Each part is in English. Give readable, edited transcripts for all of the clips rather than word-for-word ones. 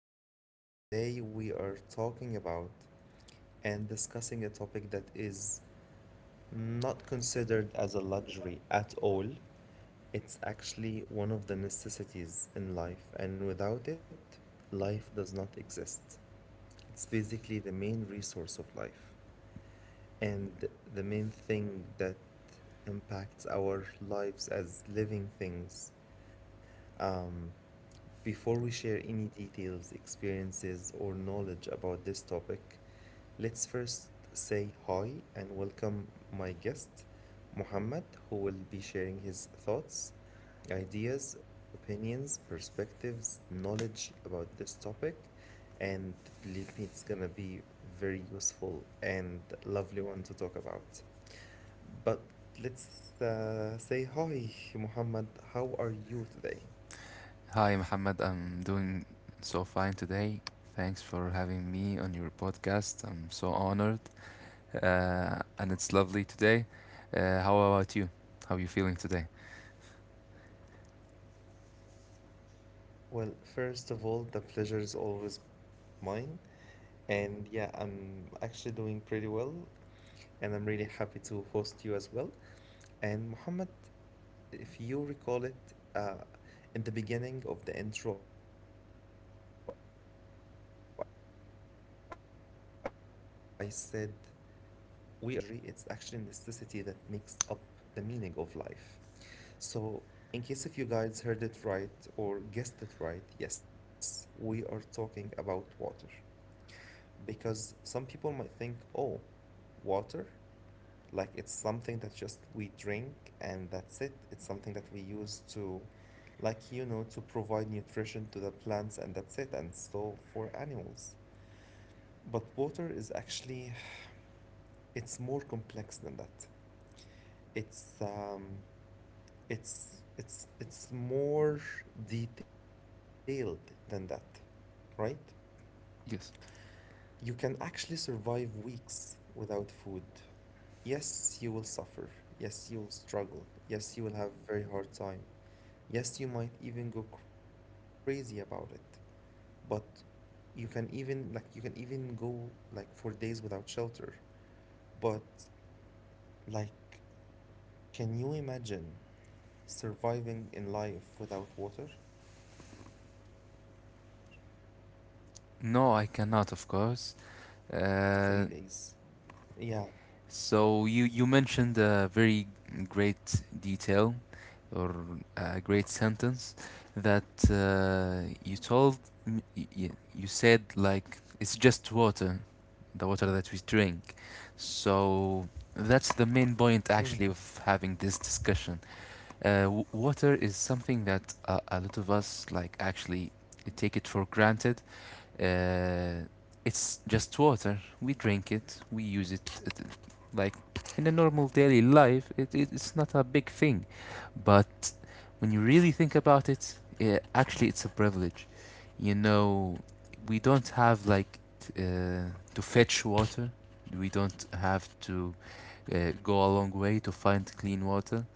and today we are talking about and discussing a topic that is not considered as a luxury at all. It's actually one of the necessities in life, and without it, life does not exist. It's basically the main resource of life and the main thing that impacts our lives as living things. Before we share any details, experiences, or knowledge about this topic, let's first say hi and welcome my guest, Muhammad, who will be sharing his thoughts, ideas, opinions, perspectives, knowledge about this topic. And believe me, it's gonna be very useful and lovely one to talk about. But let's say hi, Muhammad. How are you today? Hi, Mohammed. I'm doing so fine today. Thanks for having me on your podcast. I'm so honored, and it's lovely today. How about you? How are you feeling today? Well, first of all, the pleasure is always mine. And yeah, I'm actually doing pretty well. And I'm really happy to host you as well. And Mohammed, if you recall it, in the beginning of the intro, I said we are talking about something that is not a luxury, it's actually a necessity that makes up the meaning of life. So, in case if you guys heard it right or guessed it right, yes, we are talking about water. Because some people might think, oh, water, like it's something that just we drink and that's it. It's something that we use to, like, you know, to provide nutrition to the plants and that's it, and so for animals. But water is actually, it's more complex than that. It's um, it's more detailed than that, right? Yes. You can actually survive weeks without food. Yes, you will suffer. Yes, you will struggle. Yes, you will have a very hard time. Yes, you might even go crazy about it. But you can even like you can even go like for days without shelter. But like can you imagine surviving in life without water, it's not gonna last for for No, I for cannot, of more than course. three days. Uh, Yeah. so you mentioned a very great detail or a great sentence that you told you said like it's just water, the water that we drink. So that's the main Mm. point actually of having this discussion. Water is something that a lot of us like actually take it for granted. Uh, it's just water. We drink it. We use it like in a normal daily life, it's not a big thing. But when you really think about it, actually, it's a privilege. You know, we don't have like to fetch water. We don't have to go a long way to find clean water.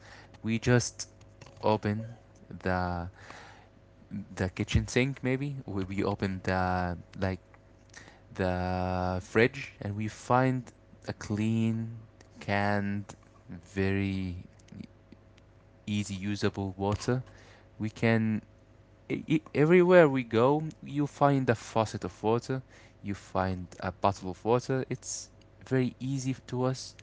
We just open the the kitchen sink, maybe we open the like the fridge and we find a clean, canned, very easy usable water. We can everywhere we go, you find a faucet of water, you find a bottle of water. It's very easy to us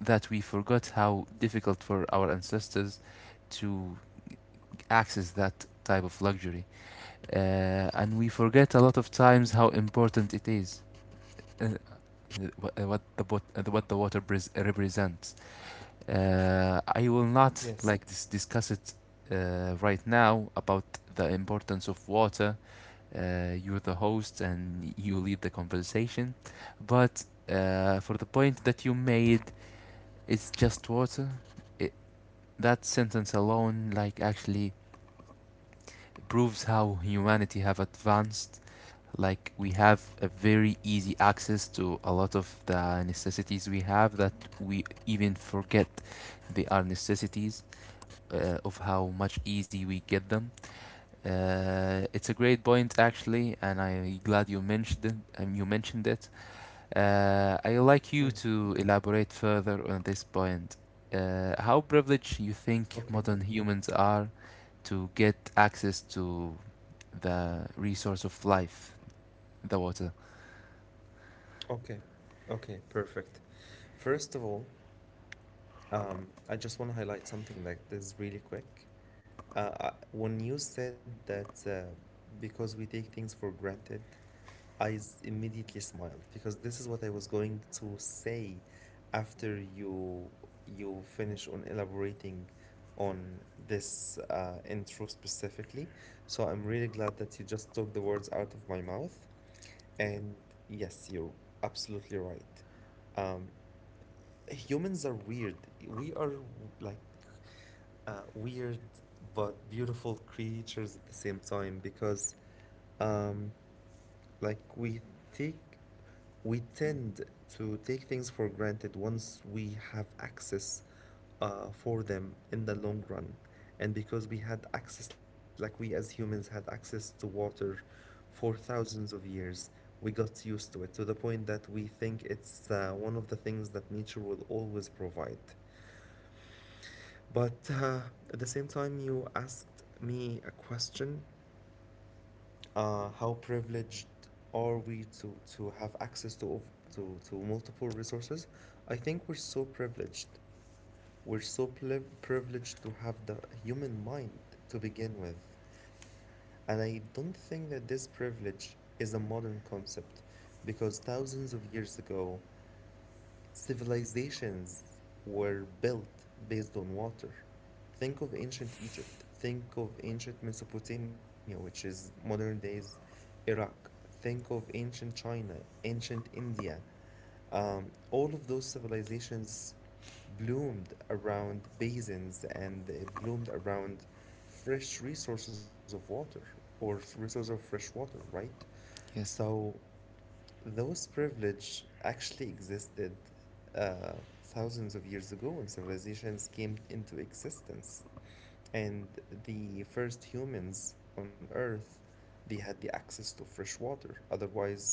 that we forgot how difficult for our ancestors to access that type of luxury, and we forget a lot of times how important it is. Uh, uh, what the what the water represents. I will not like Yes. Discuss it right now about the importance of water. You're the host and you lead the conversation, but for the point that you made, it's just water. It, that sentence alone, like actually proves how humanity have advanced. Like we have a very easy access to a lot of the necessities we have that we even forget they are necessities, of how much easy we get them. It's a great point actually and I'm glad you mentioned it. You mentioned it. I'd like Mm. you to elaborate further on this point, how privileged you think modern Okay. humans are to get access to the resource of life, the water. Okay. Okay. Perfect. First of all, I just want to highlight something that is really quick. When you said that because we take things for granted, I immediately smiled because this is what I was going to say after you finish on elaborating on this intro specifically. So I'm really glad that you just took the words out of my mouth. And yes, you're absolutely right. Humans are weird. We are weird but beautiful creatures at the same time because like take we tend to take things for granted once we have access for them in the long run, and because we had access, like we as humans had access to water for thousands of years, we got used to it to the point that we think it's one of the things that nature will always provide. But at the same time you asked me a question, how privileged are we to have access to multiple resources? I think we're so privileged. We're so privileged to have the human mind to begin with, and I don't think that this privilege is a modern concept, because thousands of years ago, civilizations were built based on water. Think of ancient Egypt. Think of ancient Mesopotamia, which is modern day's Iraq. Think of ancient China, ancient India. All of those civilizations bloomed around basins and they bloomed around fresh resources of water, or resources of fresh water, right? Yes. So those privilege actually existed thousands of years ago when civilizations came into existence. And the first humans on Earth, they had the access to fresh water. Otherwise,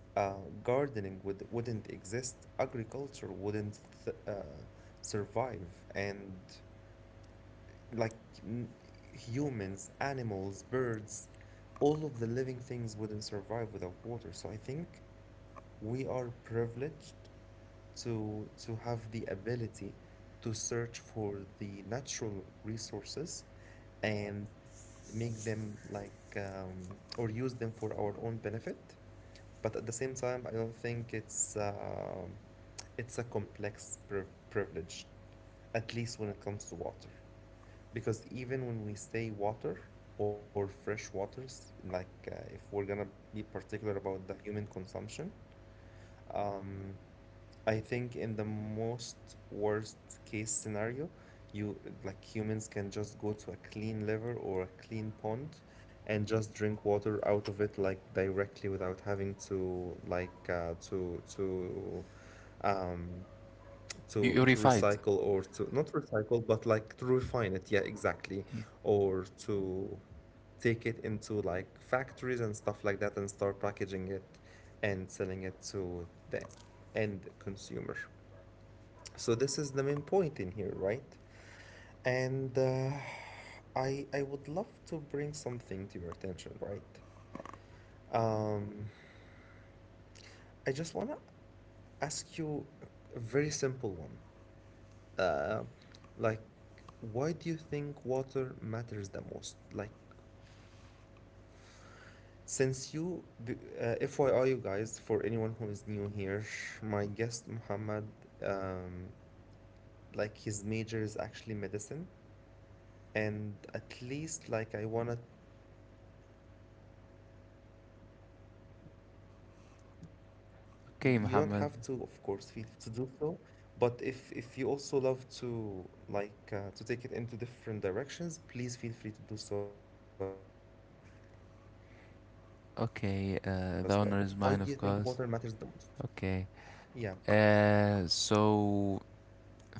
uh, gardening would, wouldn't exist, agriculture wouldn't survive. And like n- humans, animals, birds, all of the living things wouldn't survive without water. So I think we are privileged to have the ability to search for the natural resources and make them like, or use them for our own benefit. But at the same time, I don't think it's a complex privilege, at least when it comes to water. Because even when we say water or fresh waters, like if we're gonna be particular about the human consumption, I think in the most worst case scenario, you like humans can just go to a clean river or a clean pond and just drink water out of it like directly without having to Purified. recycle, or to not recycle but like to refine it. Yeah, exactly. Yeah. Or to take it into like factories and stuff like that and start packaging it and selling it to the end consumer. So this is the main point in here, right? And I would love to bring something to your attention, right? Um, I just wanna ask you a very simple one. Uh, like, why do you think water matters the most? Like, since FYI, you guys, for anyone who is new here, my guest Muhammad, um, like his major is actually medicine, and at least like I wanna, you don't have to take it into a medical approach. If you would like to, of course Okay, feel free to Muhammad. be, to do so. But if you also love to like to take it into different directions, please feel free to do so as well. Um, but the question is, Okay, the honor is why mine, do of you think course. water matters the most? Okay. Yeah. So,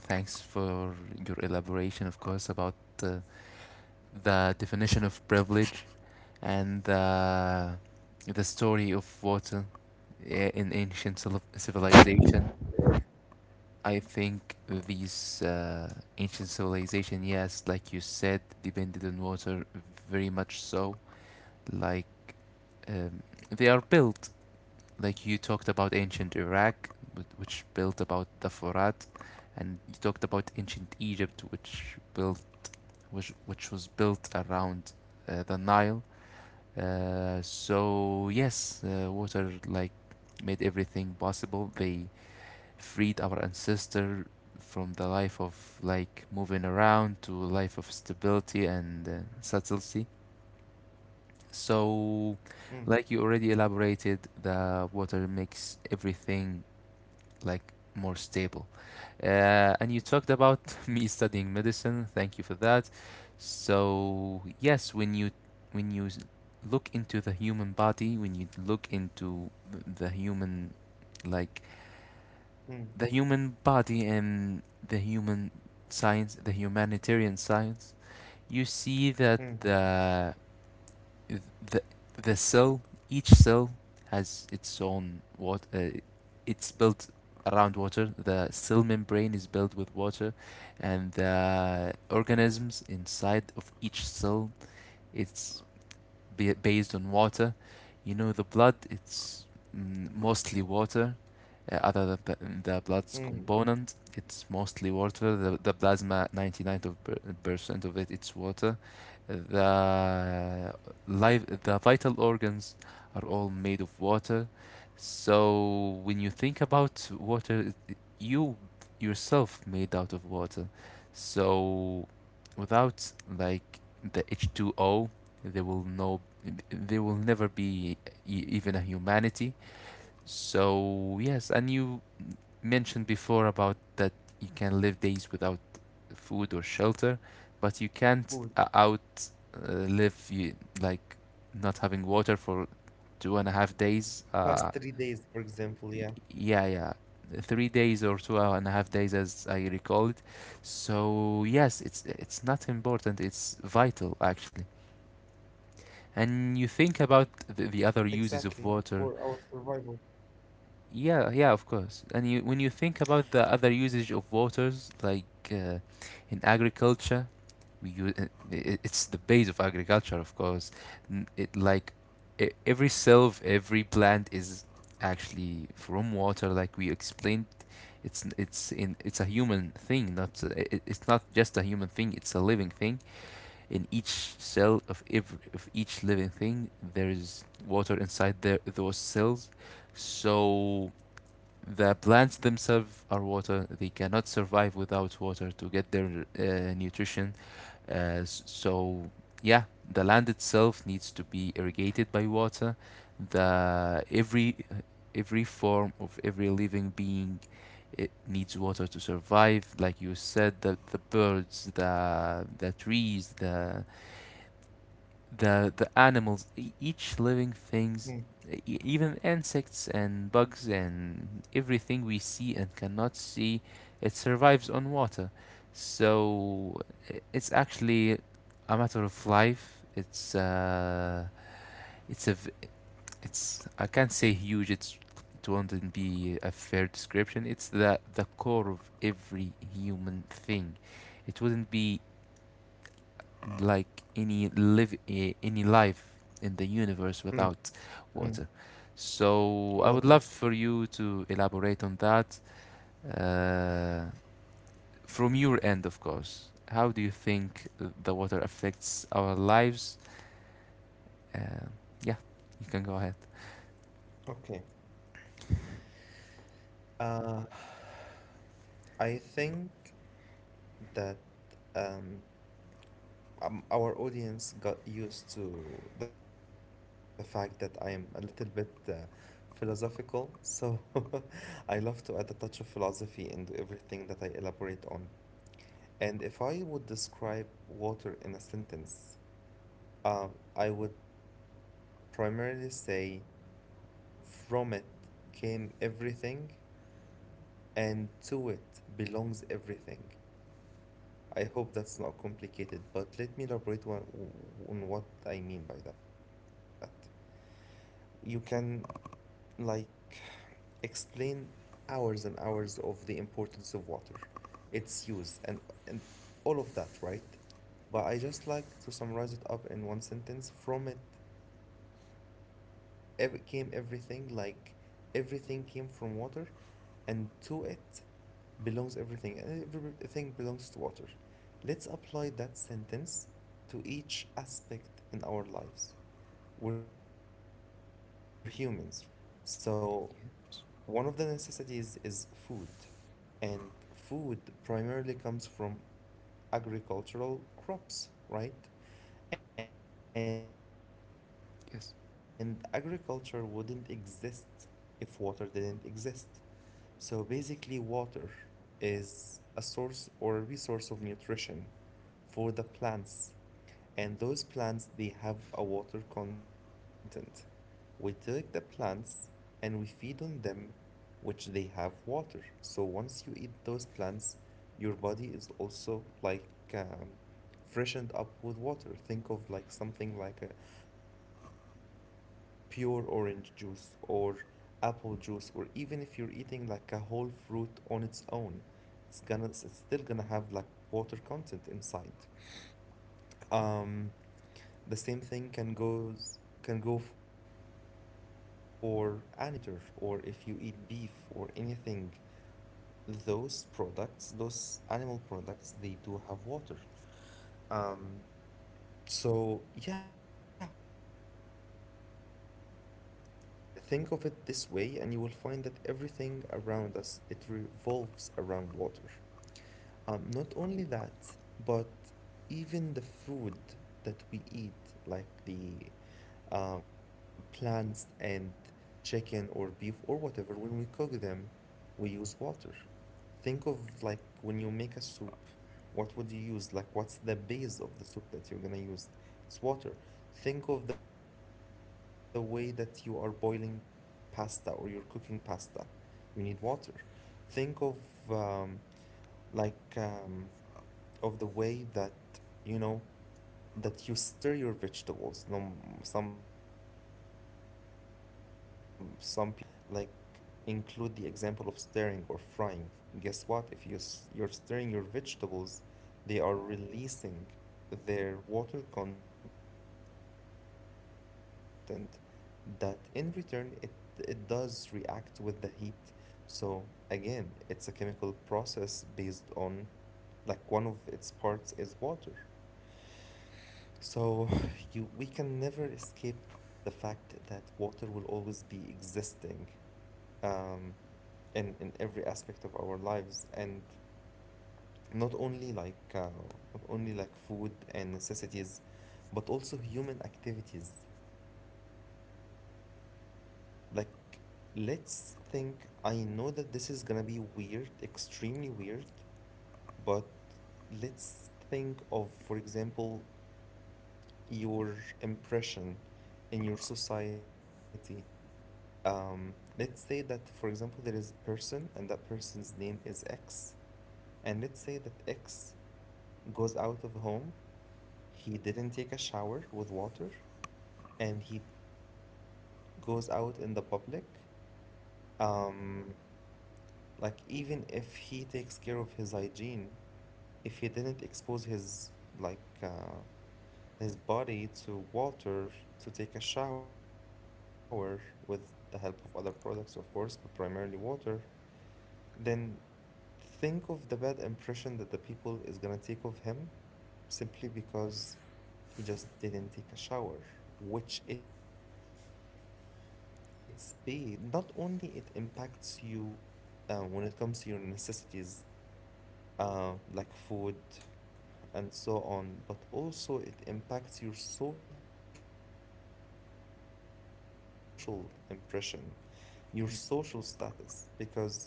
thanks for your elaboration, of course, about uh, the definition of privilege and the story of water in ancient civilization. I think these ancient civilization, yes, like you said, depended on water very much so. Like um, they are built, like you talked about ancient Iraq, which built about the Furat, and you talked about ancient Egypt, which was built around the Nile. So yes, water like made everything possible. They freed our ancestor from the life of like moving around to a life of stability and subtlety. So, like you Mm. already elaborated, the water makes everything like more stable. And you talked about me studying medicine. Thank you for that. So yes, when you look into the human body, when you look into the human, like the human Mm. body and the human science, the humanitarian science, you see that Mm. the the cell, each cell has its own what, it's built around water. The cell membrane is built with water and the organisms inside of each cell, it's be based on water. You know, the blood, it's mostly water. Other than the blood's component, Mm. it's mostly water. The plasma, 99% of it, it's water. The live, the vital organs are all made of water. So when you think about water, it- you yourself made out of water. So without like the H2O there will no, there will never be even a humanity. So yes, and you mentioned before about that you can live days without food or shelter, but you can't Food. out live you, like not having water for two and a half Past days. three days for example. Yeah, y- yeah, yeah, 3 days or 2.5 days as I recall it. So yes, it's not important. It's vital actually. And you think about exactly. the other For uses our of water. survival. Yeah, yeah, of course. And you, when you think about the other usage of waters like uh, in agriculture, we use, it's the base of agriculture of course. It like every cell of every plant is actually from water, like we explained. It's n- it's in It's a human thing, not it's not just a human thing, it's a living thing. In each cell of every, of each living thing, there is water inside there those cells. So the plants themselves are water. They cannot survive without water to get their nutrition. So yeah, the land itself needs to be irrigated by water. The every every form of every living being, it needs water to survive. Like you said, the birds, the trees, the animals, each living Mm. things, even insects and bugs and everything we see and cannot see, it survives on water. So it's actually a matter of life. It's a, v- it's, I can't say huge. It's, it wouldn't be a fair description. It's the core of every human thing. It wouldn't be like any any life in the universe Mm. without Mm. water. So I would Water. love for you to elaborate on that, uh, from your end, of course. How do you think the water affects our lives? Uh, yeah, you can go ahead. Okay. Uh, I think that um, our audience got used to the fact that I am a little bit philosophical, so I love to add a touch of philosophy into everything that I elaborate on. And if I would describe water in a sentence, uh, I would primarily say, from it came everything, and to it belongs everything. I hope that's not complicated, but let me elaborate on what I mean by that. You can like explain hours and hours of the importance of water, its use, and all of that, right? But I just like to summarize it up in one sentence. From it, came everything. Like everything came from water, and to it belongs everything, and everything belongs to water. Let's apply that sentence to each aspect in our lives. We're humans, right? There are luxuries and there are necessities. So one of the necessities is food, and food primarily comes from agricultural crops, right? And agriculture wouldn't exist Yes. if water didn't exist. So basically, water is a source or a resource of nutrition for the plants, and those plants, they have a water content. We take the plants and we feed on them, which they have water. So once you eat those plants, your body is also like um, freshened up with water. Think of like something like a pure orange juice or apple juice, or even if you're eating like a whole fruit on its own, it's gonna, it's still gonna have like water content inside. Um, the same thing can go for animals. Like if you're like chicken eater or if you eat beef or anything, those products, those animal products, they do have water. So yeah, think of it this way, and you will find that everything around us, it revolves around water. Not only that, but even the food that we eat, like the plants and chicken or beef or whatever, when we cook them, we use water. Think of like when you make a soup, what would you use? Like, what's the base of the soup that you're gonna use? It's water. Think of the way that you are boiling pasta or you're cooking pasta. You need water. Think of um, like um, of the way that you know, that you stir your vegetables. No, some people might think, oh no, let's play it smart and like include the example of stirring or frying. Guess what? If you're stirring your vegetables, they are releasing their water content, that in return it does react with the heat. So again, it's a chemical process based on like one of its parts is water. So you we can never escape the fact that water will always be existing, um, in every aspect of our lives. And not only like uh, not only like food and necessities, but also human activities. Like let's think, I know that this is gonna be weird, extremely weird, but let's think of, for example, your impression in your society. Let's say that, for example, there is a person and that person's name is X. And let's say that X goes out of home, he didn't take a shower with water, and he goes out in the public. Um, even if he takes care of his hygiene, if he didn't expose his, like, uh, his body to water to take a shower with the help of other products, of course, but primarily water, then think of the bad impression that the people is gonna take of him simply because he just didn't take a shower, which its base is water. So it, not only it impacts you when it comes to your necessities, like food, and so on, but also it impacts your social impression, your social status. Because again, I know it's weird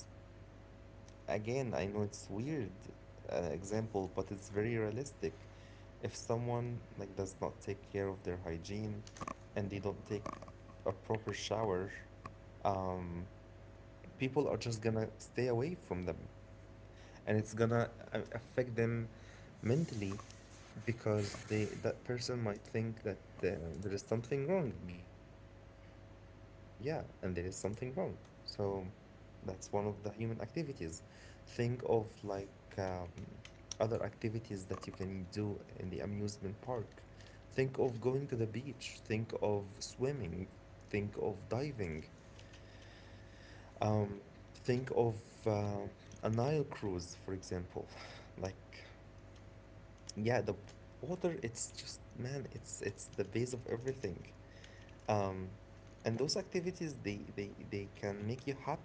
example, but it's very realistic. If someone like does not take care of their hygiene and they don't take a proper shower, um, people are just gonna stay away from them, and it's gonna affect them mentally. Because they that person might think that there is something wrong. Yeah, and there is something wrong. So that's one of the human activities. Think of um, other activities that you can do in the amusement park. Think of going to the beach. Think of swimming. Think of diving. Um, think of uh, a Nile cruise, for example. Like yeah, the water, it's just, man, it's the base of everything. Um, and those activities, they can make you happy. So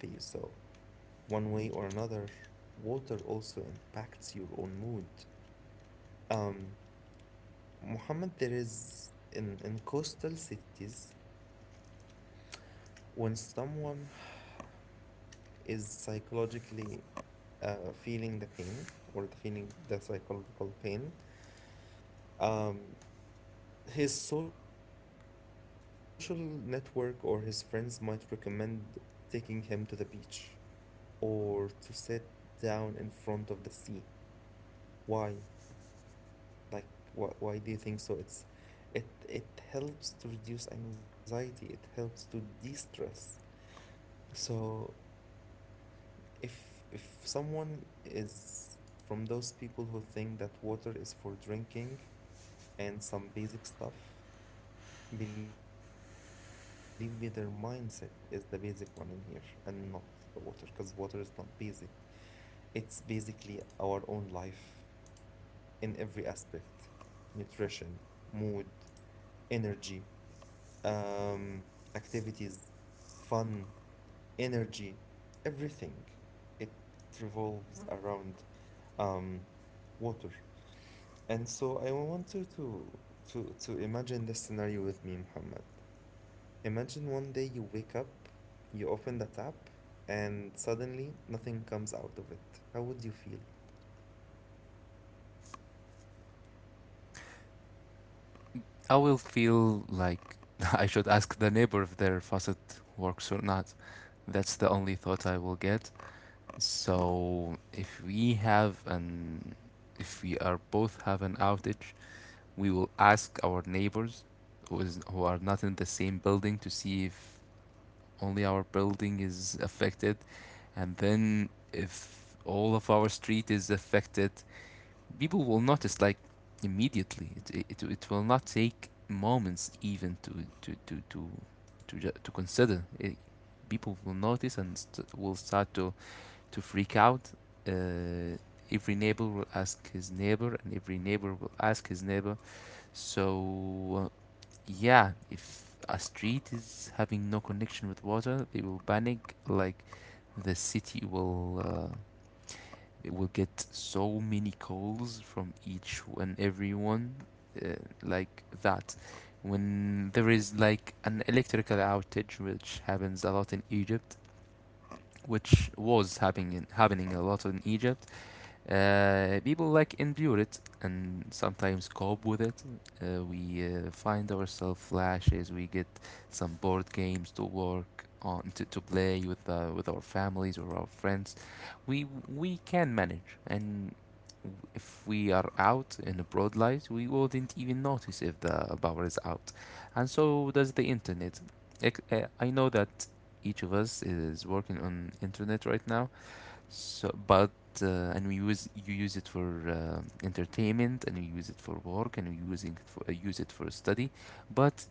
one way or another, water also impacts your own mood. Um, Mohammed, there is in coastal cities when someone is psychologically feeling the pain or the feeling the psychological pain, um, his social network or his friends might recommend taking him to the beach or to sit down in front of the sea. Why? Like, why do you think so? It's it helps to reduce anxiety. It helps to de-stress. So if someone is from those people who think that water is for drinking and some basic stuff, believe me, their mindset is the basic one in here and not the water, because water is not basic. It's basically our own life in every aspect. Nutrition, mood, energy, um, activities, fun, energy, everything. It revolves around um, water. And so I want you to to imagine this scenario with me, Muhammad. Imagine one day you wake up, you open the tap, and suddenly nothing comes out of it. How would you feel? I will feel like I should ask the neighbor if their faucet works or not. That's the only thought I will get. So if we are both have an outage, we will ask our neighbors who are not in the same building to see if only our building is affected, and then if all of our street is affected, people will notice like immediately. It will not take moments even to to to to consider. It, people will notice and will start to freak out. Uh, every neighbor will ask his neighbor, and every neighbor will ask his neighbor. So, yeah, if a street is having no connection with water, they will panic. Like the city will, it will get so many calls from each and everyone, uh, like that. When there is like an electrical outage, which happens a lot in Egypt, which was happening a lot in Egypt, people like endure it and sometimes cope with it. We find ourselves flashes. We get some board games to work on to play with our families or our friends. We we can manage, and if we are out in the broad light, we wouldn't even notice if the power is out, and so does the internet. I know that each of us is working on internet right now, so, but uh, and we use, you use it for entertainment, and you use it for work, and you using it for use it for study. But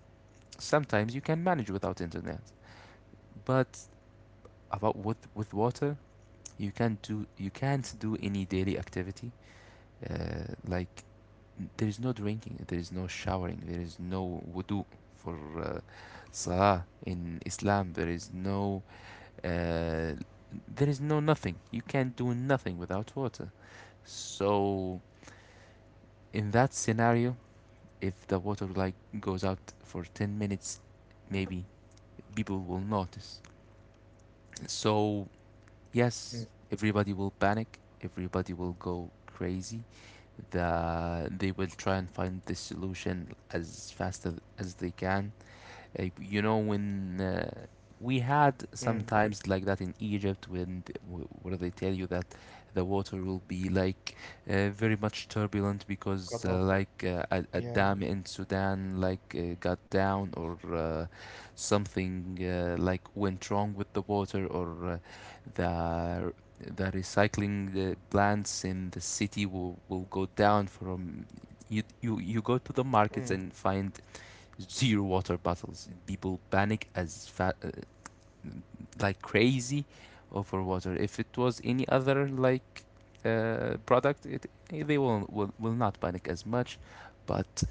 sometimes you can manage without internet. But about with water, you can't do any daily activity. Like there is no drinking, there is no showering, there is no wudu for salah in Islam. Uh, there is no nothing. You can't do nothing without water. So in that scenario, if the water like goes out for 10 minutes, maybe people will notice. So yes, Mm, everybody will panic, everybody will go crazy. They will try and find the solution as fast as they can. You know, when we had mm, sometimes like that in Egypt when where they tell you that the water will be like very much turbulent because cut off. A Yeah. dam in Sudan like got down, or something like went wrong with the water, or the the recycling plants in the city will go down. From you, you you go to the markets and Mm, find zero water bottles. And people panic as like crazy over water. If it was any other like product, it they will not panic as much, but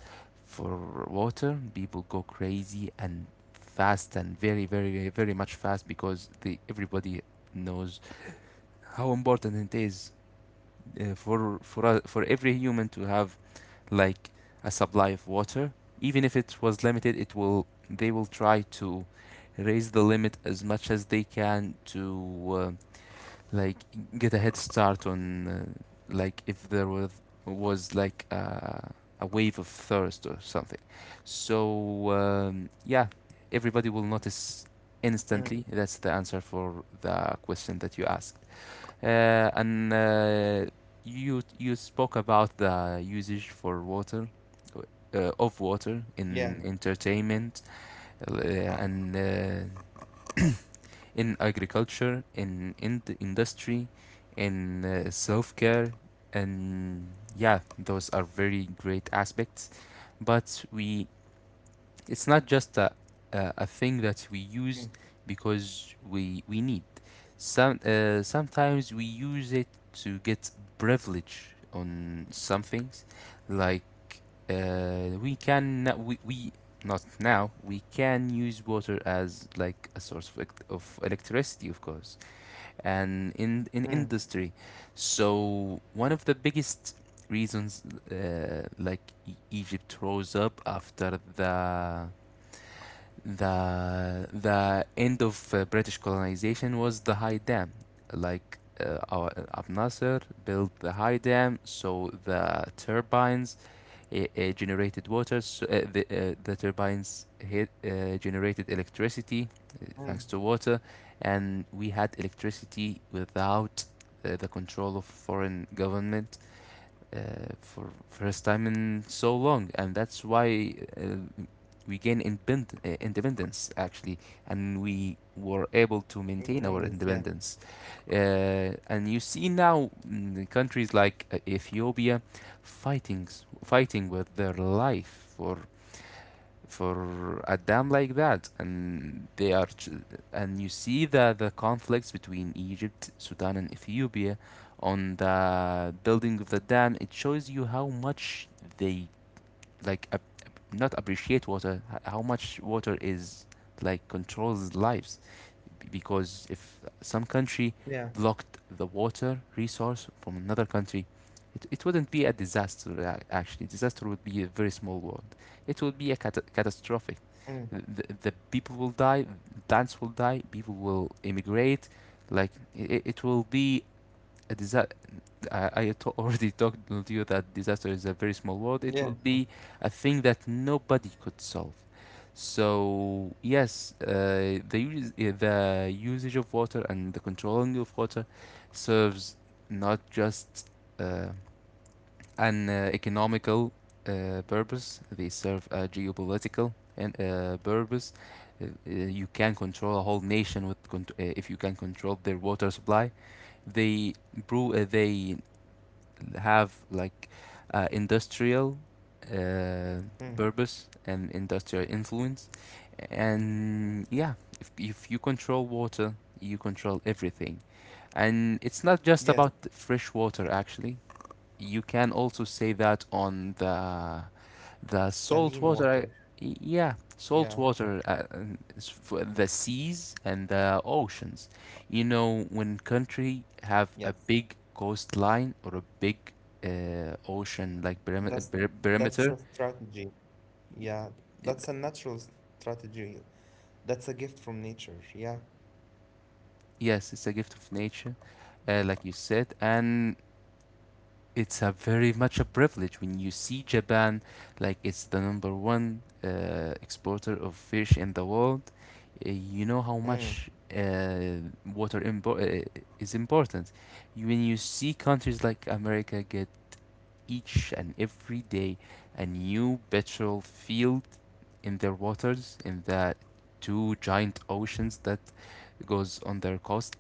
for water, people go crazy and fast and very very very much fast, because the everybody knows how important it is, for us, for every human to have like a supply of water. Even if it was limited, it will, they will try to raise the limit as much as they can, to uh, like get a head start on, like if there was like a wave of thirst or something. So yeah, everybody will notice mm, instantly. That's the answer for the question that you asked. And You spoke about the usage for water, of water yeah. in entertainment, and in agriculture, in industry, in self care, and yeah, those are very great aspects. But we it's not just a thing Mm, that we use because we need. Sometimes we use it to get privilege on some things, like we can no- we not now we can use water as like a source of, of electricity, of course, and in mm, industry. So one of the biggest reasons uh, like Egypt rose up after the end of British colonization was the High Dam. Our Abu Nasser built the High Dam, so the turbines generated water. The turbines generated mm. electricity thanks to water, and we had electricity without the control of foreign government uh, for first time in so long, and that's why we gain independ- independence actually, and we Independence. Yeah. were able to maintain our independence. And you see now mm, countries like Ethiopia fighting fighting with their life for a dam like that, and they are, and you see the conflicts between Egypt, Sudan and Ethiopia on the building of the dam. It shows you how much they like ap- not appreciate water, how much water is like controls lives. Because if some Yeah. country blocked the water resource from another country, it wouldn't be a disaster. Actually, disaster would be a very small word. It would be a catastrophic. Mm, The people will die, plants will die, people will immigrate, like it will be a already told you that disaster is a very small word. It yeah. will be a thing that nobody could solve. So yes, the usage of water and the controlling of water serves not just uh, an economical purpose. They serve a geopolitical and purpose. You can control a whole nation with if you can control their water supply. They brew. They have like industrial uh, Mm. purpose and industrial influence. And yeah, if you control water, you control everything. And it's not just about Yes. fresh water, actually. You can also say that on the salt Saline water, water. yeah, salt Yeah. water, and for the seas and the oceans. You know, when country have a Yes. big coastline or a big ocean like That's perimeter, that's a strategy. Yeah. i- That's a natural strategy. That's a gift from nature. Yeah. yes, it's a gift of nature, like you said, and it's a very much a privilege when you see Japan, like it's the number one exporter of fish in the world. You know how much Mm. uh, water is important. When you see countries like America get each and every day a new petrol field in their waters, in the two giant oceans that goes on their coastlines,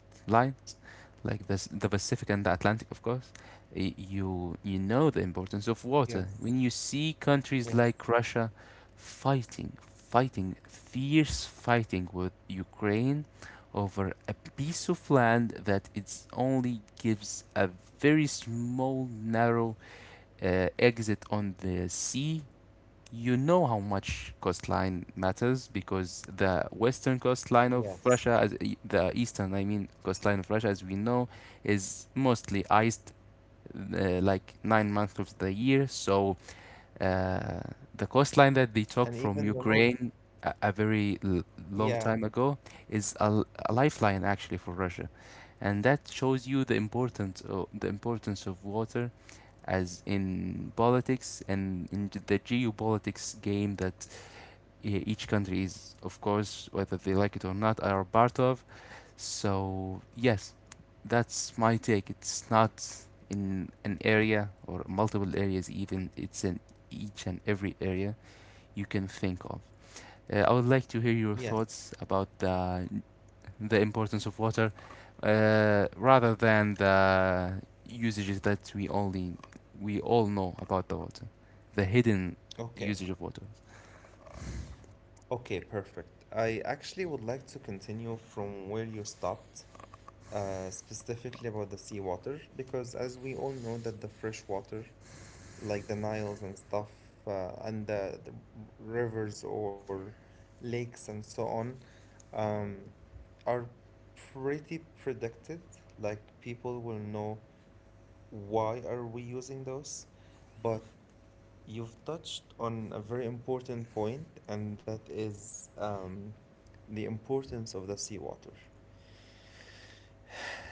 like the Pacific and the Atlantic, of course, you know the importance of water. When you Yes. see countries like Yes. Russia fierce fighting with Ukraine over a piece of land that it only gives a very small, narrow exit on the sea, you know how much coastline matters, because the western coastline of Yes. Russia, the eastern, I mean, coastline of Russia, as we know, is mostly iced like 9 months of the year. So uh, the coastline that they took from And even the Ukraine North. A very l long Yeah, time ago is a lifeline actually for Russia, and that shows you the importance of water as in politics and in the geopolitics game that each country is, of course, whether they like it or not, are part of. So yes, that's my take. It's not in an area or multiple areas even. It's in each and every area you can think of. I would like to hear your yes. thoughts about the importance of water, rather than the usages that we all know about the water, the hidden usage Okay. of water. Okay, perfect. I actually would like to continue from where you stopped, specifically about the seawater, because as we all know that the fresh water, like the Niles and stuff, and the rivers or lakes and so on, um, are pretty predicted. Like people will know why are we using those? But you've touched on a very important point, and that is the importance of the seawater.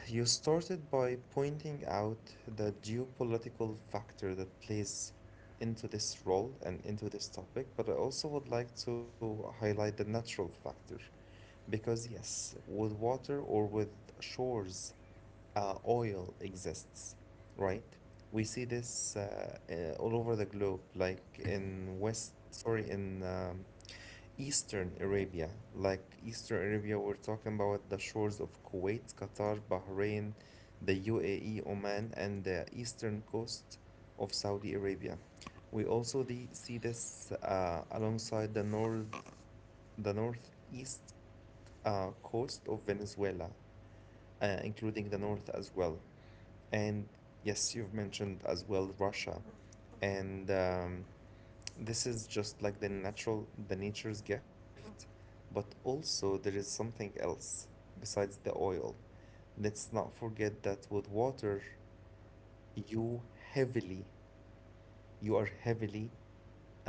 You started by pointing out the geopolitical factor that plays into this role and into this topic, but I also would like to highlight the natural factor. Because, yes, with water or with shores, oil exists, right? We see this all over the globe, like in Eastern Arabia, like Eastern Arabia, we're talking about the shores of Kuwait, Qatar, Bahrain, the UAE, Oman, and the eastern coast of Saudi Arabia. We also see this alongside the north, the northeast coast of Venezuela, including the north as well. And yes, you've mentioned as well Russia, and this is just like the nature's gift, but also there is something else besides the oil. Let's not forget that with water, you heavily, you are heavily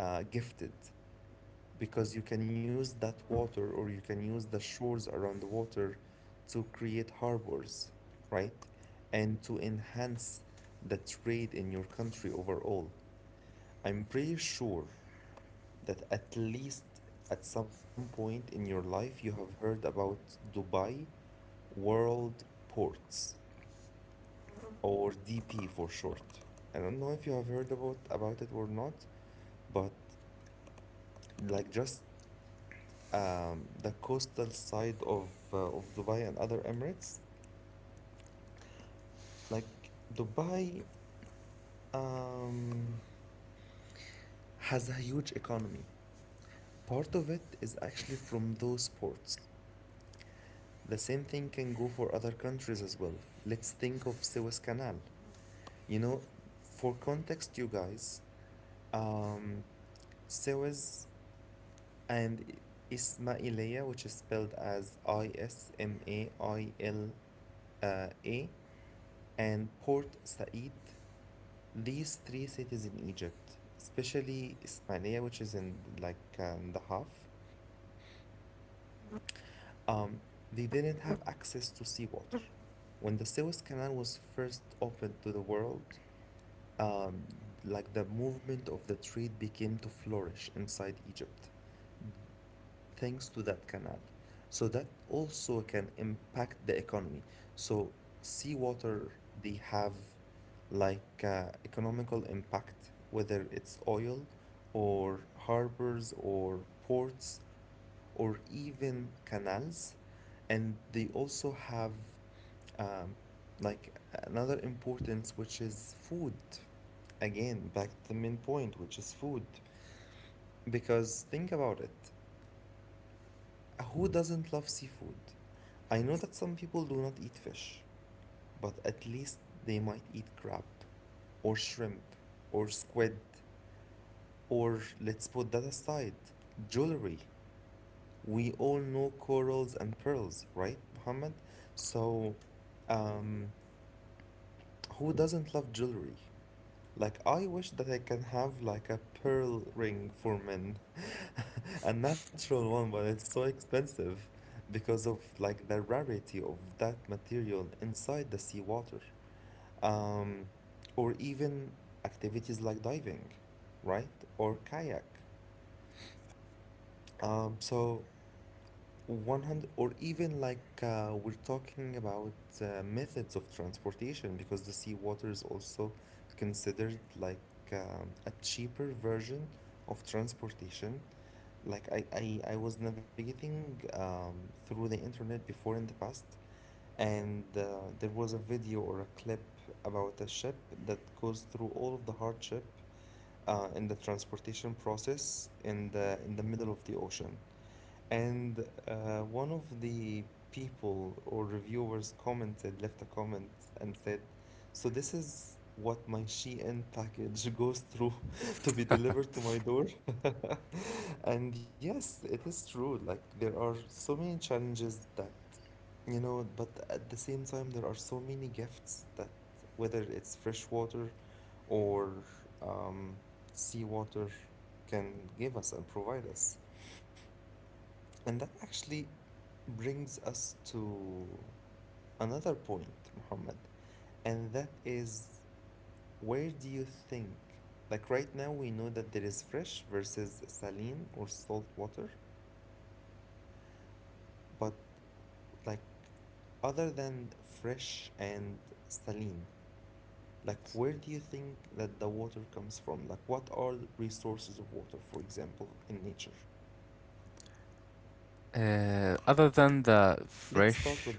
gifted because you can use that water or you can use the shores around the water to create harbors, right? And to enhance the trade in your country overall. I'm pretty sure that at least at some point in your life you have heard about Dubai World Ports, or DP for short. I don't know if you have heard about it or not, but like just the coastal side of Dubai and other Emirates, like Dubai um, has a huge economy. Part of it is actually from those ports. The same thing can go for other countries as well. Let's think of Suez Canal. You know, for context, you guys, um, Suez and Ismailia, which is spelled as Ismail A, and Port Said, these three cities in Egypt, especially Ismailia, which is in like the half, Um, they didn't have access to seawater. When the Suez Canal was first opened to the world, um, like the movement of the trade became to flourish inside Egypt thanks to that canal. So that also can impact the economy. So seawater, they have economical impact, whether it's oil or harbors or ports or even canals. And they also have um, like another importance, which is food. Again, back to the main point, which is food. Because think about it. Who doesn't love seafood? I know that some people do not eat fish, but at least they might eat crab, or shrimp, or squid, or let's put that aside, jewelry. We all know corals and pearls, right, Mohammed? So, um, who doesn't love jewelry? Like, I wish that I can have like a pearl ring for men, a natural one, but it's so expensive because of like the rarity of that material inside the seawater. Um, or even activities like diving, right? Or kayak. So 100 or even we're talking about methods of transportation because the seawater is also considered a cheaper version of transportation. Like I was navigating through the internet before in the past, and there was a video or a clip about a ship that goes through all of the hardship in the transportation process in the middle of the ocean, and one of the people or reviewers commented, left a comment and said, "So this is what my Shein package goes through to be delivered to my door." And yes, it is true. Like there are so many challenges that, you know, but at the same time, there are so many gifts that whether it's fresh water or um, sea water, can give us and provide us. And that actually brings us to another point, Muhammad, and that is where do you think? Like right now, we know that there is fresh versus saline or salt water, but like other than fresh and saline, like where do you think that the water comes from? Like what are the resources of water, for example, in nature? Let's Other start than with the the fresh one. fresh,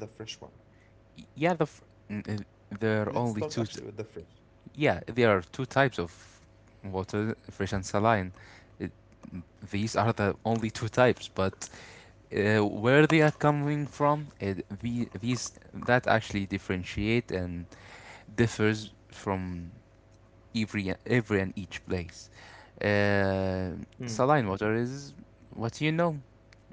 yeah, Let's start actually with there the are only fresh. two yeah, there are two types of water, fresh and saline. It, these are the only two types, but where they are coming from, these that actually differentiate and differs from every and each place. Uh, Saline water is what you know,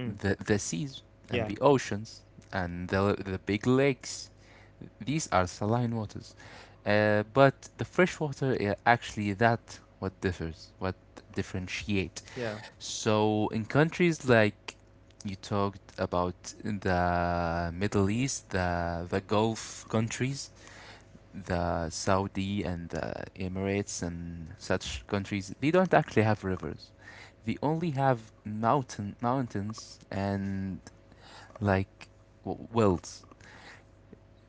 the Mm, the seas and the yeah, oceans and the big lakes, these are saline waters. But the fresh water, actually that what differs, what differentiate. yeah. So in countries like you talked about in the Middle East, the Gulf countries, the Saudi and the Emirates and such countries, they don't actually have rivers. They only have mountains and like wells.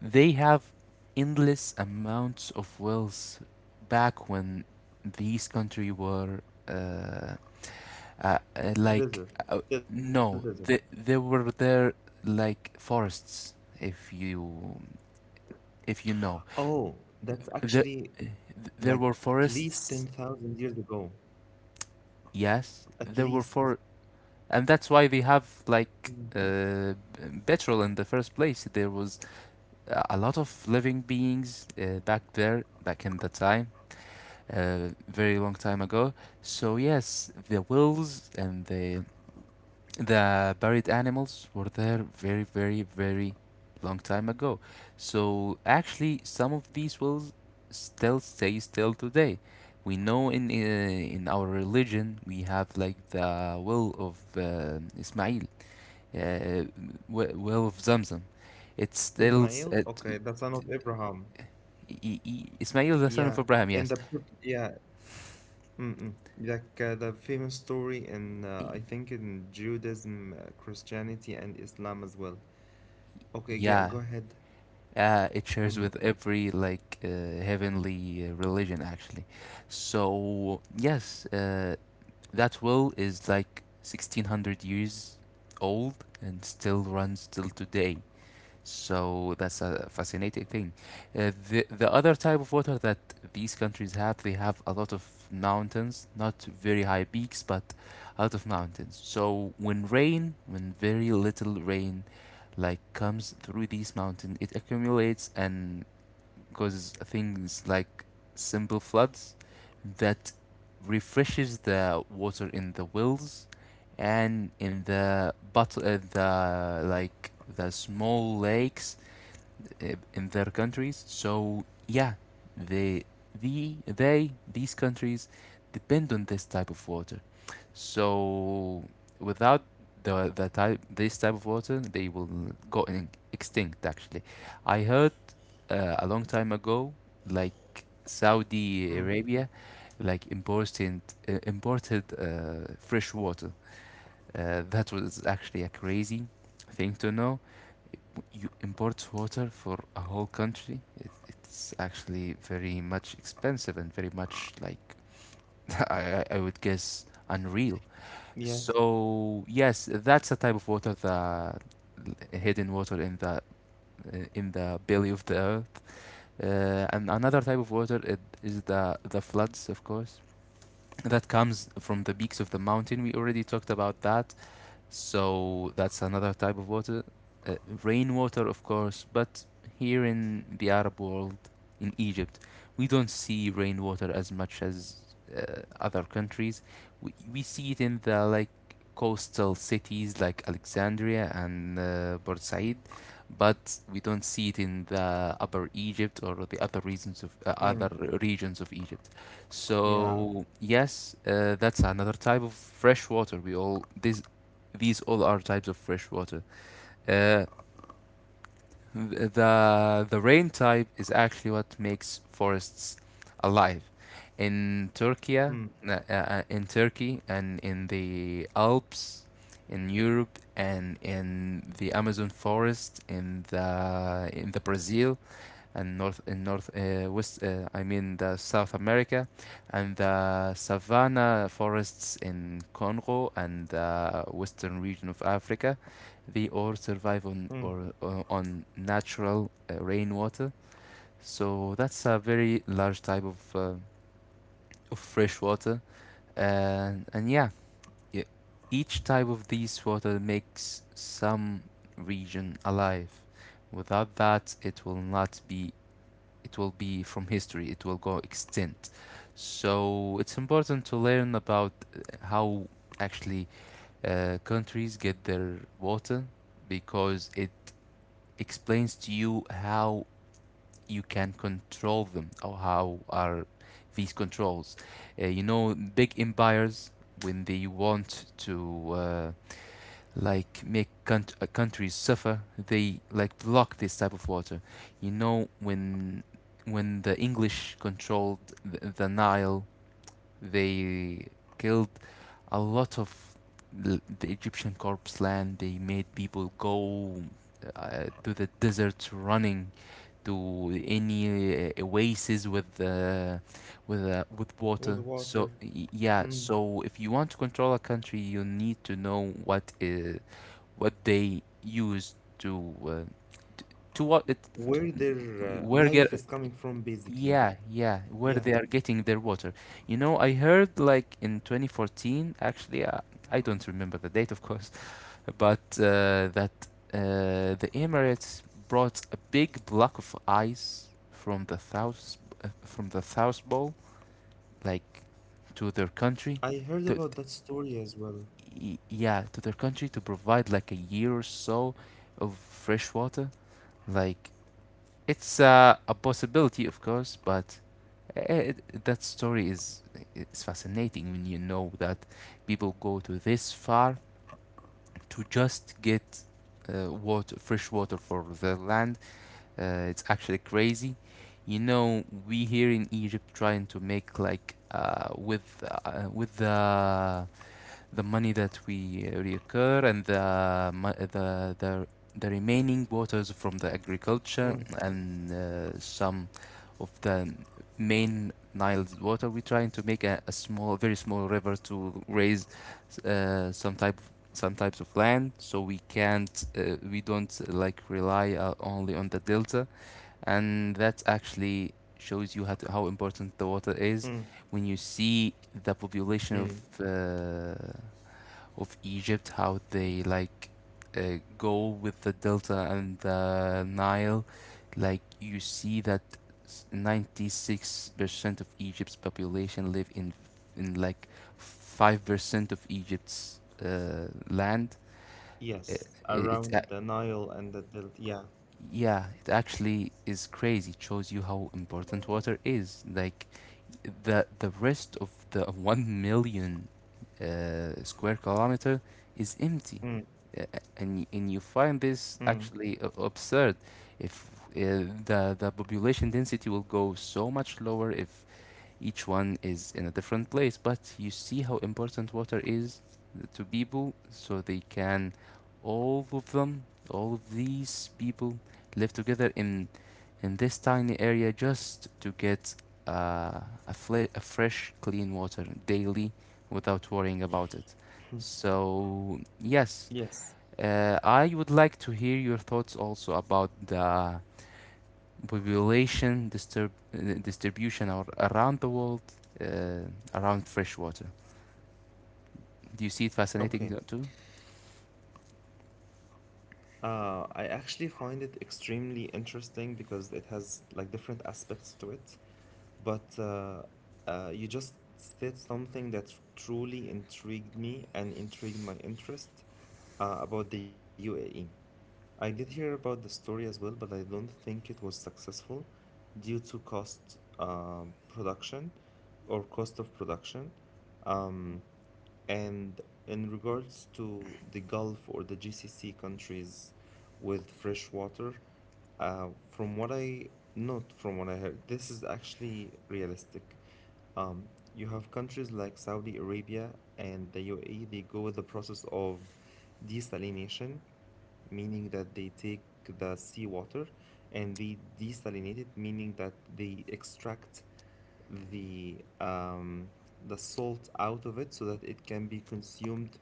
They have endless amounts of wealth back when these country were uh, uh, uh, like Desert, uh, still desert. no, they, they were there like forests, if you, if you know Oh, that's the, actually there like were at least forests, 10,000 years ago. yes At there were least. for and that's why they have like Mm. Petrol in the first place. There was a lot of living beings back there back in the time, a very long time ago. So yes, the wills and the buried animals were there very, very, very long time ago. So actually, some of these wills still stay still today. We know in our religion, we have like the will of Ismail, uh, will of Zamzam. It's still s- Ismail? it, Okay, the son of Abraham. I- Ismail the son Yeah, of Abraham. in Yes, the book- yeah, mm-mm. Like the famous story in, I I- think in Judaism, Christianity, and Islam as well. Okay, yeah, yeah. go ahead. It shares Mm, with every like heavenly religion actually. So yes, that will is like 1600 years old and still runs till today. So that's a fascinating thing. The other type of water that these countries have, they have a lot of mountains, not very high peaks, but a lot of mountains. So when rain, when very little rain, like comes through these mountains, it accumulates and causes things like simple floods that refreshes the water in the wells and in the bottle, the like the small lakes in their countries. So yeah, they the they these countries depend on this type of water. So without the the type this type of water, they will go in, extinct. Actually, I heard a long time ago, like Saudi mm, Arabia, like imported fresh water. That was actually a crazy thing to know. You import water for a whole country. It's actually very much expensive and very much like I would guess unreal. yes, So yes, that's a type of water that hidden water in the belly of the earth. And another type of water, it is the floods, of course, that comes from the peaks of the mountain. We already talked about that. So that's another type of water. Uh, Rainwater, of course, but here in the Arab world, in Egypt, we don't see rainwater as much as other countries. We see it in the like coastal cities like Alexandria and Port Said, but we don't see it in the Upper Egypt or the other mm, regions of Egypt. So yeah, yes, that's another type of fresh water. We all this these all are types of fresh water. Uh, the rain type is actually what makes forests alive. In Turkey, uh, mm, in Turkey, and in the Alps, in Europe, and in the Amazon forest, in the Brazil, and north in north west I mean the South America, and the savanna forests in Congo and the western region of Africa. They all survive on mm, or on natural rainwater. So that's a very large type of fresh water. And yeah, y- each type of these water makes some region alive. Without that, it will not be, it will be from history, it will go extinct. So it's important to learn about how actually countries get their water, because it explains to you how you can control them, or how are these controls. You know, big empires, when they want to like make countries suffer, they like block this type of water. You know, when the english controlled the nile, they killed a lot of the egyptian corpse land. They made people go to the desert, running to any oasis with water. So with yeah, water. so if you Mm. want to control a country, you need to know what is what they use to uh, t- to what it Where their where life get. is coming from, Yeah, basically. yeah, where they are Yeah, getting their water. You know, I heard like in 2014, actually, I don't remember the date, of course, but that the emirates brought a big block of ice from the south, from the south pole, like to their country. I heard To about that story as well. Yeah, to their country, to provide like a year or so of fresh water. Like, it's a possibility, of course, but eh, that story is, it's fascinating when you know that people go to this far to just get water, fresh water for their land. It's actually crazy. You know, we here in Egypt trying to make like with the money that we reoccur, and the the remaining waters from the Mm, agriculture, and some of the main Nile water. We're trying to make a small, very small river to raise some type of some types of land, so we can't we don't like rely only on the delta. And that actually shows you how important the water mm, is, when you see the population mm. Of Egypt, how they like go with the Delta and the Nile. Like, you see that 96% of Egypt's population live in like 5% of Egypt's land. It, Yes, it, it, uh, around the Nile and the Delta. Yeah. yeah, it actually is crazy. It shows you how important water is. Like the rest of the 1 million square kilometer is empty, Mm, and and you find this mm. actually absurd. If the the population density will go so much lower if each one is in a different place, but you see how important water is to people, so they can, all of them, all of these people, live together in this tiny area just to get uh, a, a fresh, clean water daily, without worrying about it. So yes, Yes. I would like to hear your thoughts also about the distribution or around the world uh, around freshwater. Do you see it fascinating too? Okay. I actually find it extremely interesting because it has like different aspects to it. But you just said something that truly intrigued me and intrigued my interest about the UAE. I did hear about the story as well, but I don't think it was successful due to cost of production. Mm, and in regards to the Gulf or the GCC countries with fresh water, from what I not from what I heard, this is actually realistic. You have countries like Saudi Arabia and the UAE, they go with the process of desalination, meaning that they take the seawater and they desalinate it, meaning that they extract the um, the salt out of it so that it can be consumed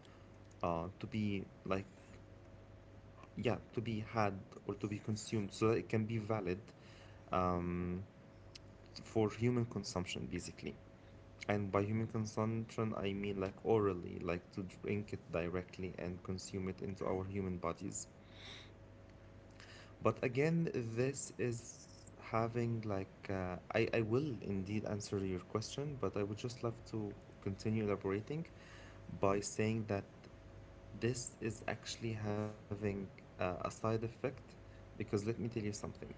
uh, to be like yeah to be had or to be consumed so that it can be valid um, for human consumption, basically. And by human consumption I mean like orally, like to drink it directly and consume it into our human bodies. But again, this is having I will indeed answer your question, but I would just love to continue elaborating by saying that this is actually having a side effect, because let me tell you something.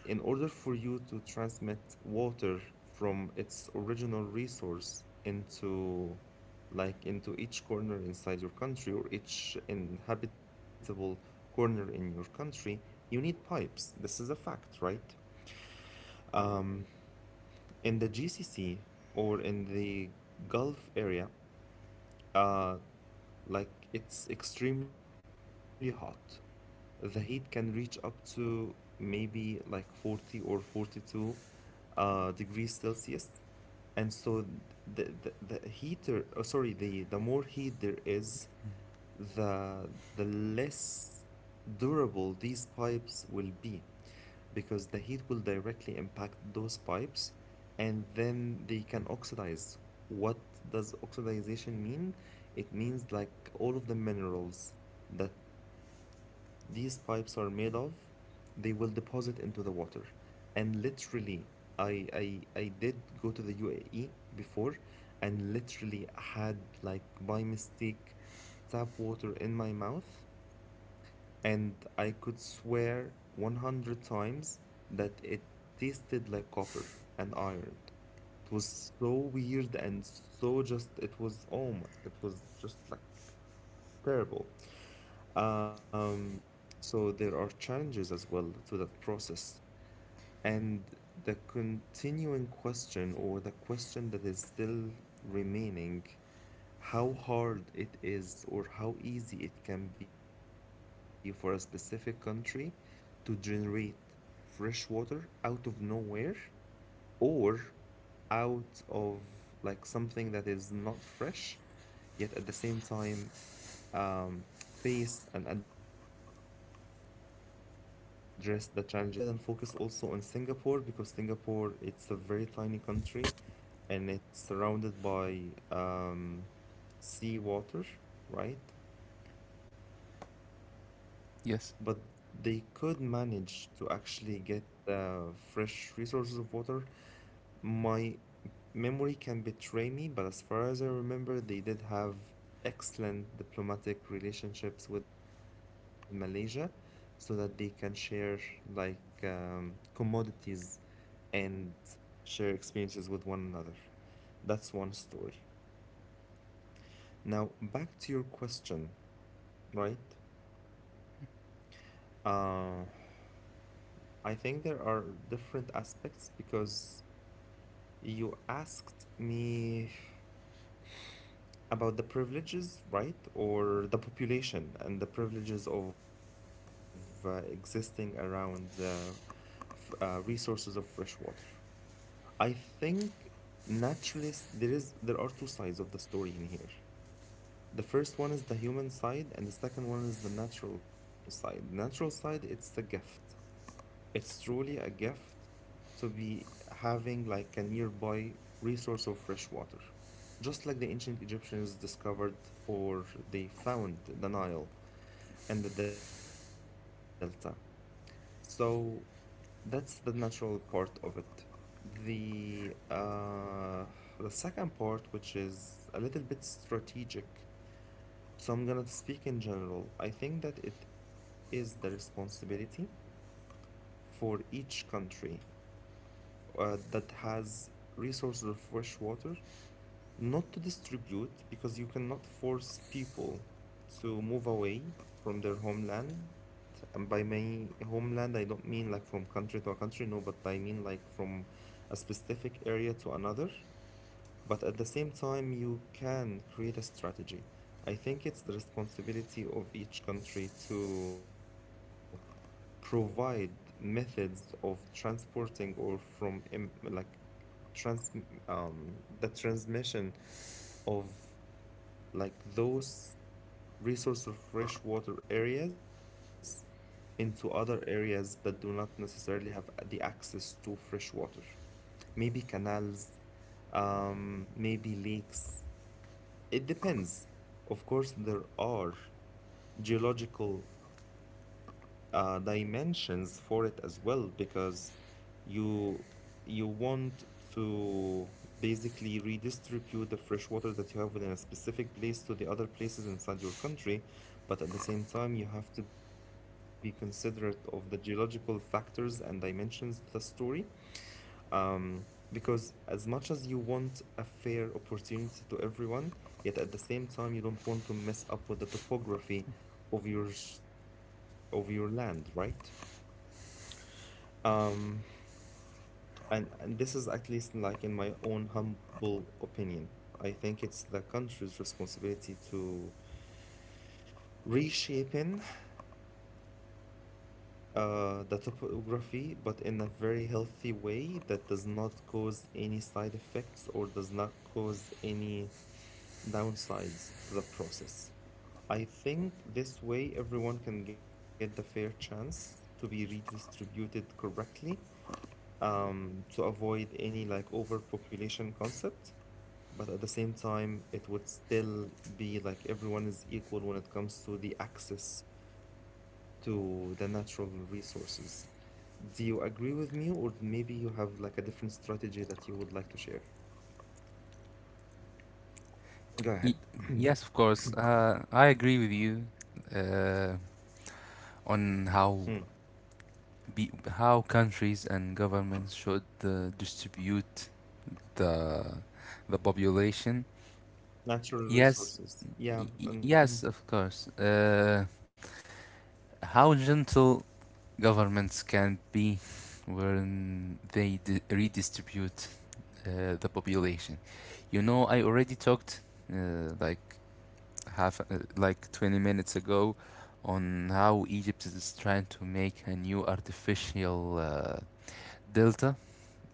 In order for you to transmit water from its original resource into into each corner inside your country or each inhabitable corner in your country, you need pipes. This is a fact, right? Um, in the GCC or in the Gulf area, uh, like it's extremely hot. The heat can reach up to maybe like 40 or 42 degrees Celsius. And so the, the, the more heat there is, the less durable these pipes will be because the heat will directly impact those pipes, and then they can oxidize. What does oxidization mean? It means like all of the minerals that these pipes are made of, they will deposit into the water. And literally, I did go to the UAE before and literally had, like, by mistake, tap water in my mouth, and I could swear 100 times that it tasted like copper and iron. It was so weird, and so just, it was, oh my, it was just like terrible. Um, so there are challenges as well to that process. And the continuing question, or the question that is still remaining, how hard it is or how easy it can be for a specific country to generate fresh water out of nowhere, or out of like something that is not fresh, yet at the same time, um, face and address the challenges that it faces. Let's put the UAE and Saudi Arabia aside and focus also on Singapore, because Singapore, it's a very tiny country and it's surrounded by sea water, right? But they could manage to Yes. actually get fresh resources of water. My memory can betray me, but as far as I remember, they did have excellent diplomatic relationships with Malaysia so that they can share like commodities and share experiences with one another. That's one story. Now, back to your question, right? Uh, I think there are different aspects because you asked me about the privileges, right? Or the population and the privileges of existing around the resources of fresh water. I think naturalist there is there are two sides of the story in here. The first one is the human side, and the second one is the natural side. Natural side, it's a gift. It's truly a gift to be having like a nearby resource of fresh water. Just like the ancient Egyptians discovered, or they found the Nile and the Delta. So that's the natural part of it. The uh, the second part, which is a little bit strategic. So I'm gonna speak in general. I think that it is the responsibility for each country that has resources of fresh water not to distribute, because you cannot force people to move away from their homeland. And by my homeland, I don't mean like from country to a country, no, but I mean like from a specific area to another. But at the same time, you can create a strategy. I think it's the responsibility of each country to provide methods of transporting, or from em- like trans the transmission of those resource of freshwater areas into other areas that do not necessarily have the access to fresh water. Maybe canals, maybe lakes. It depends. Of course, there are geological dimensions for it as well, because you you want to basically redistribute the fresh water that you have within a specific place to the other places inside your country, but at the same time you have to be considerate of the geological factors and dimensions to the story, um, because as much as you want a fair opportunity to everyone, yet at the same time you don't want to mess up with the topography of your of your land, right? Um, and this is at least like in my own humble opinion. I think it's the country's responsibility to reshaping the topography, but in a very healthy way that does not cause any side effects or does not cause any downsides to the process. I think this way everyone can get the fair chance to be redistributed correctly, to avoid any like overpopulation concept. But at the same time, it would still be like everyone is equal when it comes to the access to the natural resources. Do you agree with me, or maybe you have like a different strategy that you would like to share? Go Y- ahead. yes, of course. I agree with you uh, on how countries and governments should distribute the the population. Natural Yes, resources. Yeah. And yes, of mm, course. How gentle governments can be when they redistribute the population. You know, I already talked like half, like 20 minutes ago, on how Egypt is trying to make a new artificial delta,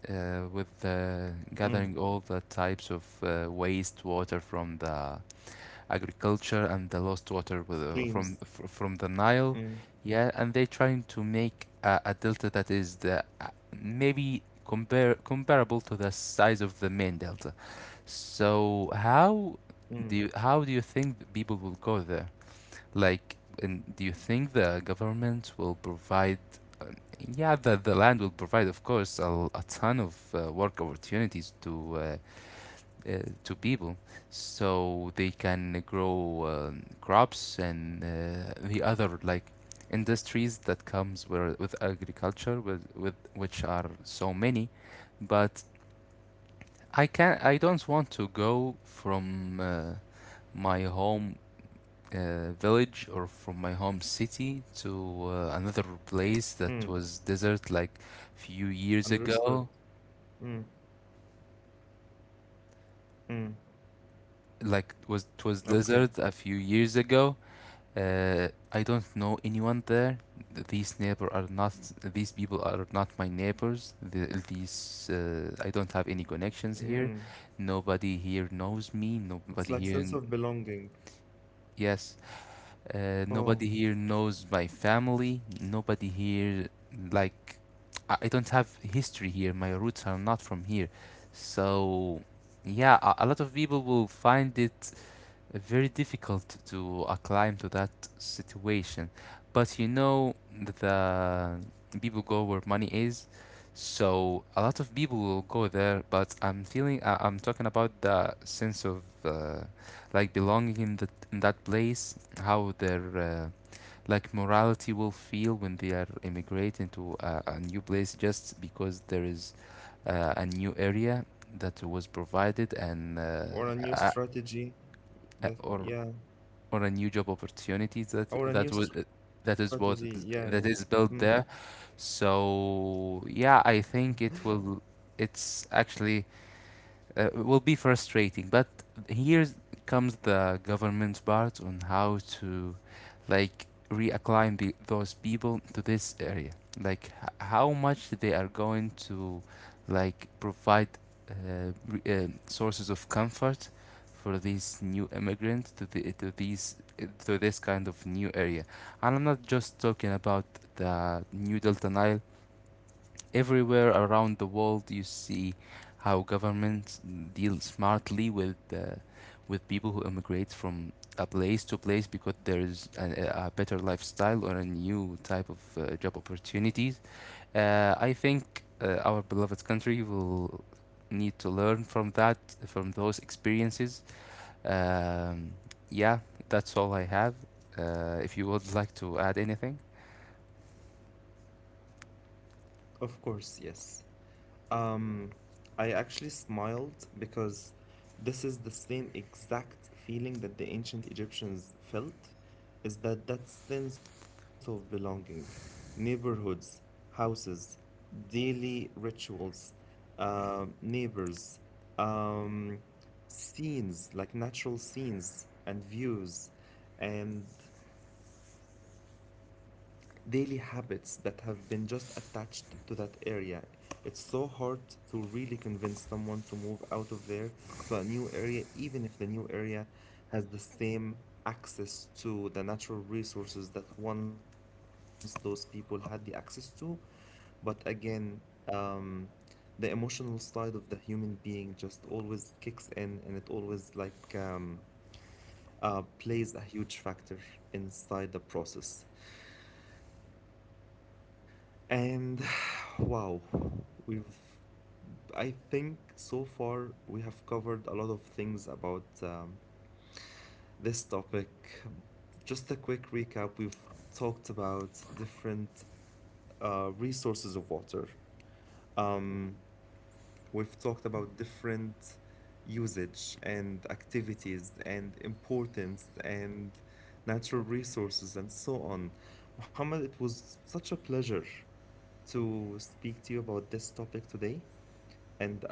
with mm, gathering all the types of waste water from the agriculture, and the lost water streams. from the Mm, Nile. Yeah, and they're trying to make a delta that is the maybe compare comparable to the size of the main delta. So mm, how do you think the people will go there? Like, and do you think the government will provide? um, Yeah, the land will provide, of course, a ton of work opportunities to people, so they can grow crops and the other like industries that comes with agriculture with, which are so many. But I can, I don't want to go from my home village, or from my home city, to another mm. place that was desert like few years Understood. ago. Mm, mm. Like, was Okay. desert a few years ago. I don't know anyone there. These neighbor are not. These people are not my neighbors. These I don't have any connections here. Mm. Nobody here knows me. It's Nobody like here. sense of belonging. Yes. Oh, Nobody here knows my family. Nobody here like. I don't have history here. My roots are not from here. So, yeah, a lot of people will find it very difficult to acclimate to that situation. But you know, the people go where money is, so a lot of people will go there. But I'm feeling I'm talking about the sense of like belonging in that place, how their like morality will feel when they are immigrating to a new place just because there is a new area that was provided, and or a uh, new strategy. uh, That or yeah. or a new job opportunities that Or a would new that is strategy. both Yeah. Yeah. that is Mm. built there. So yeah, I think it will. It's actually will be frustrating. But here comes the government's part on how to, like, reacclimate the, those people to this area. Like, how much they are going to, like, provide uh, sources of comfort for these new immigrants to these to this kind of new area. And I'm not just talking about the new Delta Nile. Everywhere around the world you see how governments deal smartly with people who immigrate from a place to place, because there is a better lifestyle, or a new type of job opportunities. I think our beloved country will need to learn from that, from those experiences. Um, yeah, that's all I have. If you would like to add anything, Of course. Yes. Um, I actually smiled because this is the same exact feeling that the ancient Egyptians felt, is that that sense of belonging, neighborhoods, houses, daily rituals, neighbors, um, scenes like natural scenes and views, and daily habits that have been just attached to that area. It's so hard to really convince someone to move out of there to a new area, even if the new area has the same access to the natural resources that once those people had the access to. But again, um, the emotional side of the human being just always kicks in, and it always like plays a huge factor inside the process. And wow, we've I think so far we have covered a lot of things about this topic. Just a quick recap, we've talked about different resources of water. Um, we've talked about different usage and activities and importance and natural resources and so on. Muhammad, it was such a pleasure to speak to you about this topic today.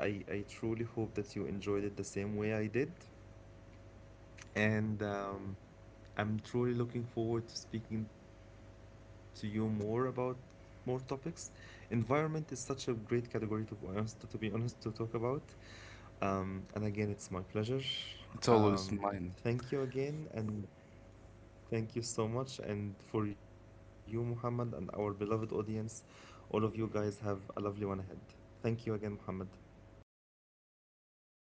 And I truly hope that you enjoyed it the same way I did. And I'm truly looking forward to speaking to you more about more topics. Environment is such a great category to be honest, be honest, to talk about. And again, it's it's my pleasure. always mine. Um, thank you again, and thank you so much. And for you, Muhammad, and our beloved audience, all of you guys have a lovely one ahead. Thank you again, Muhammad.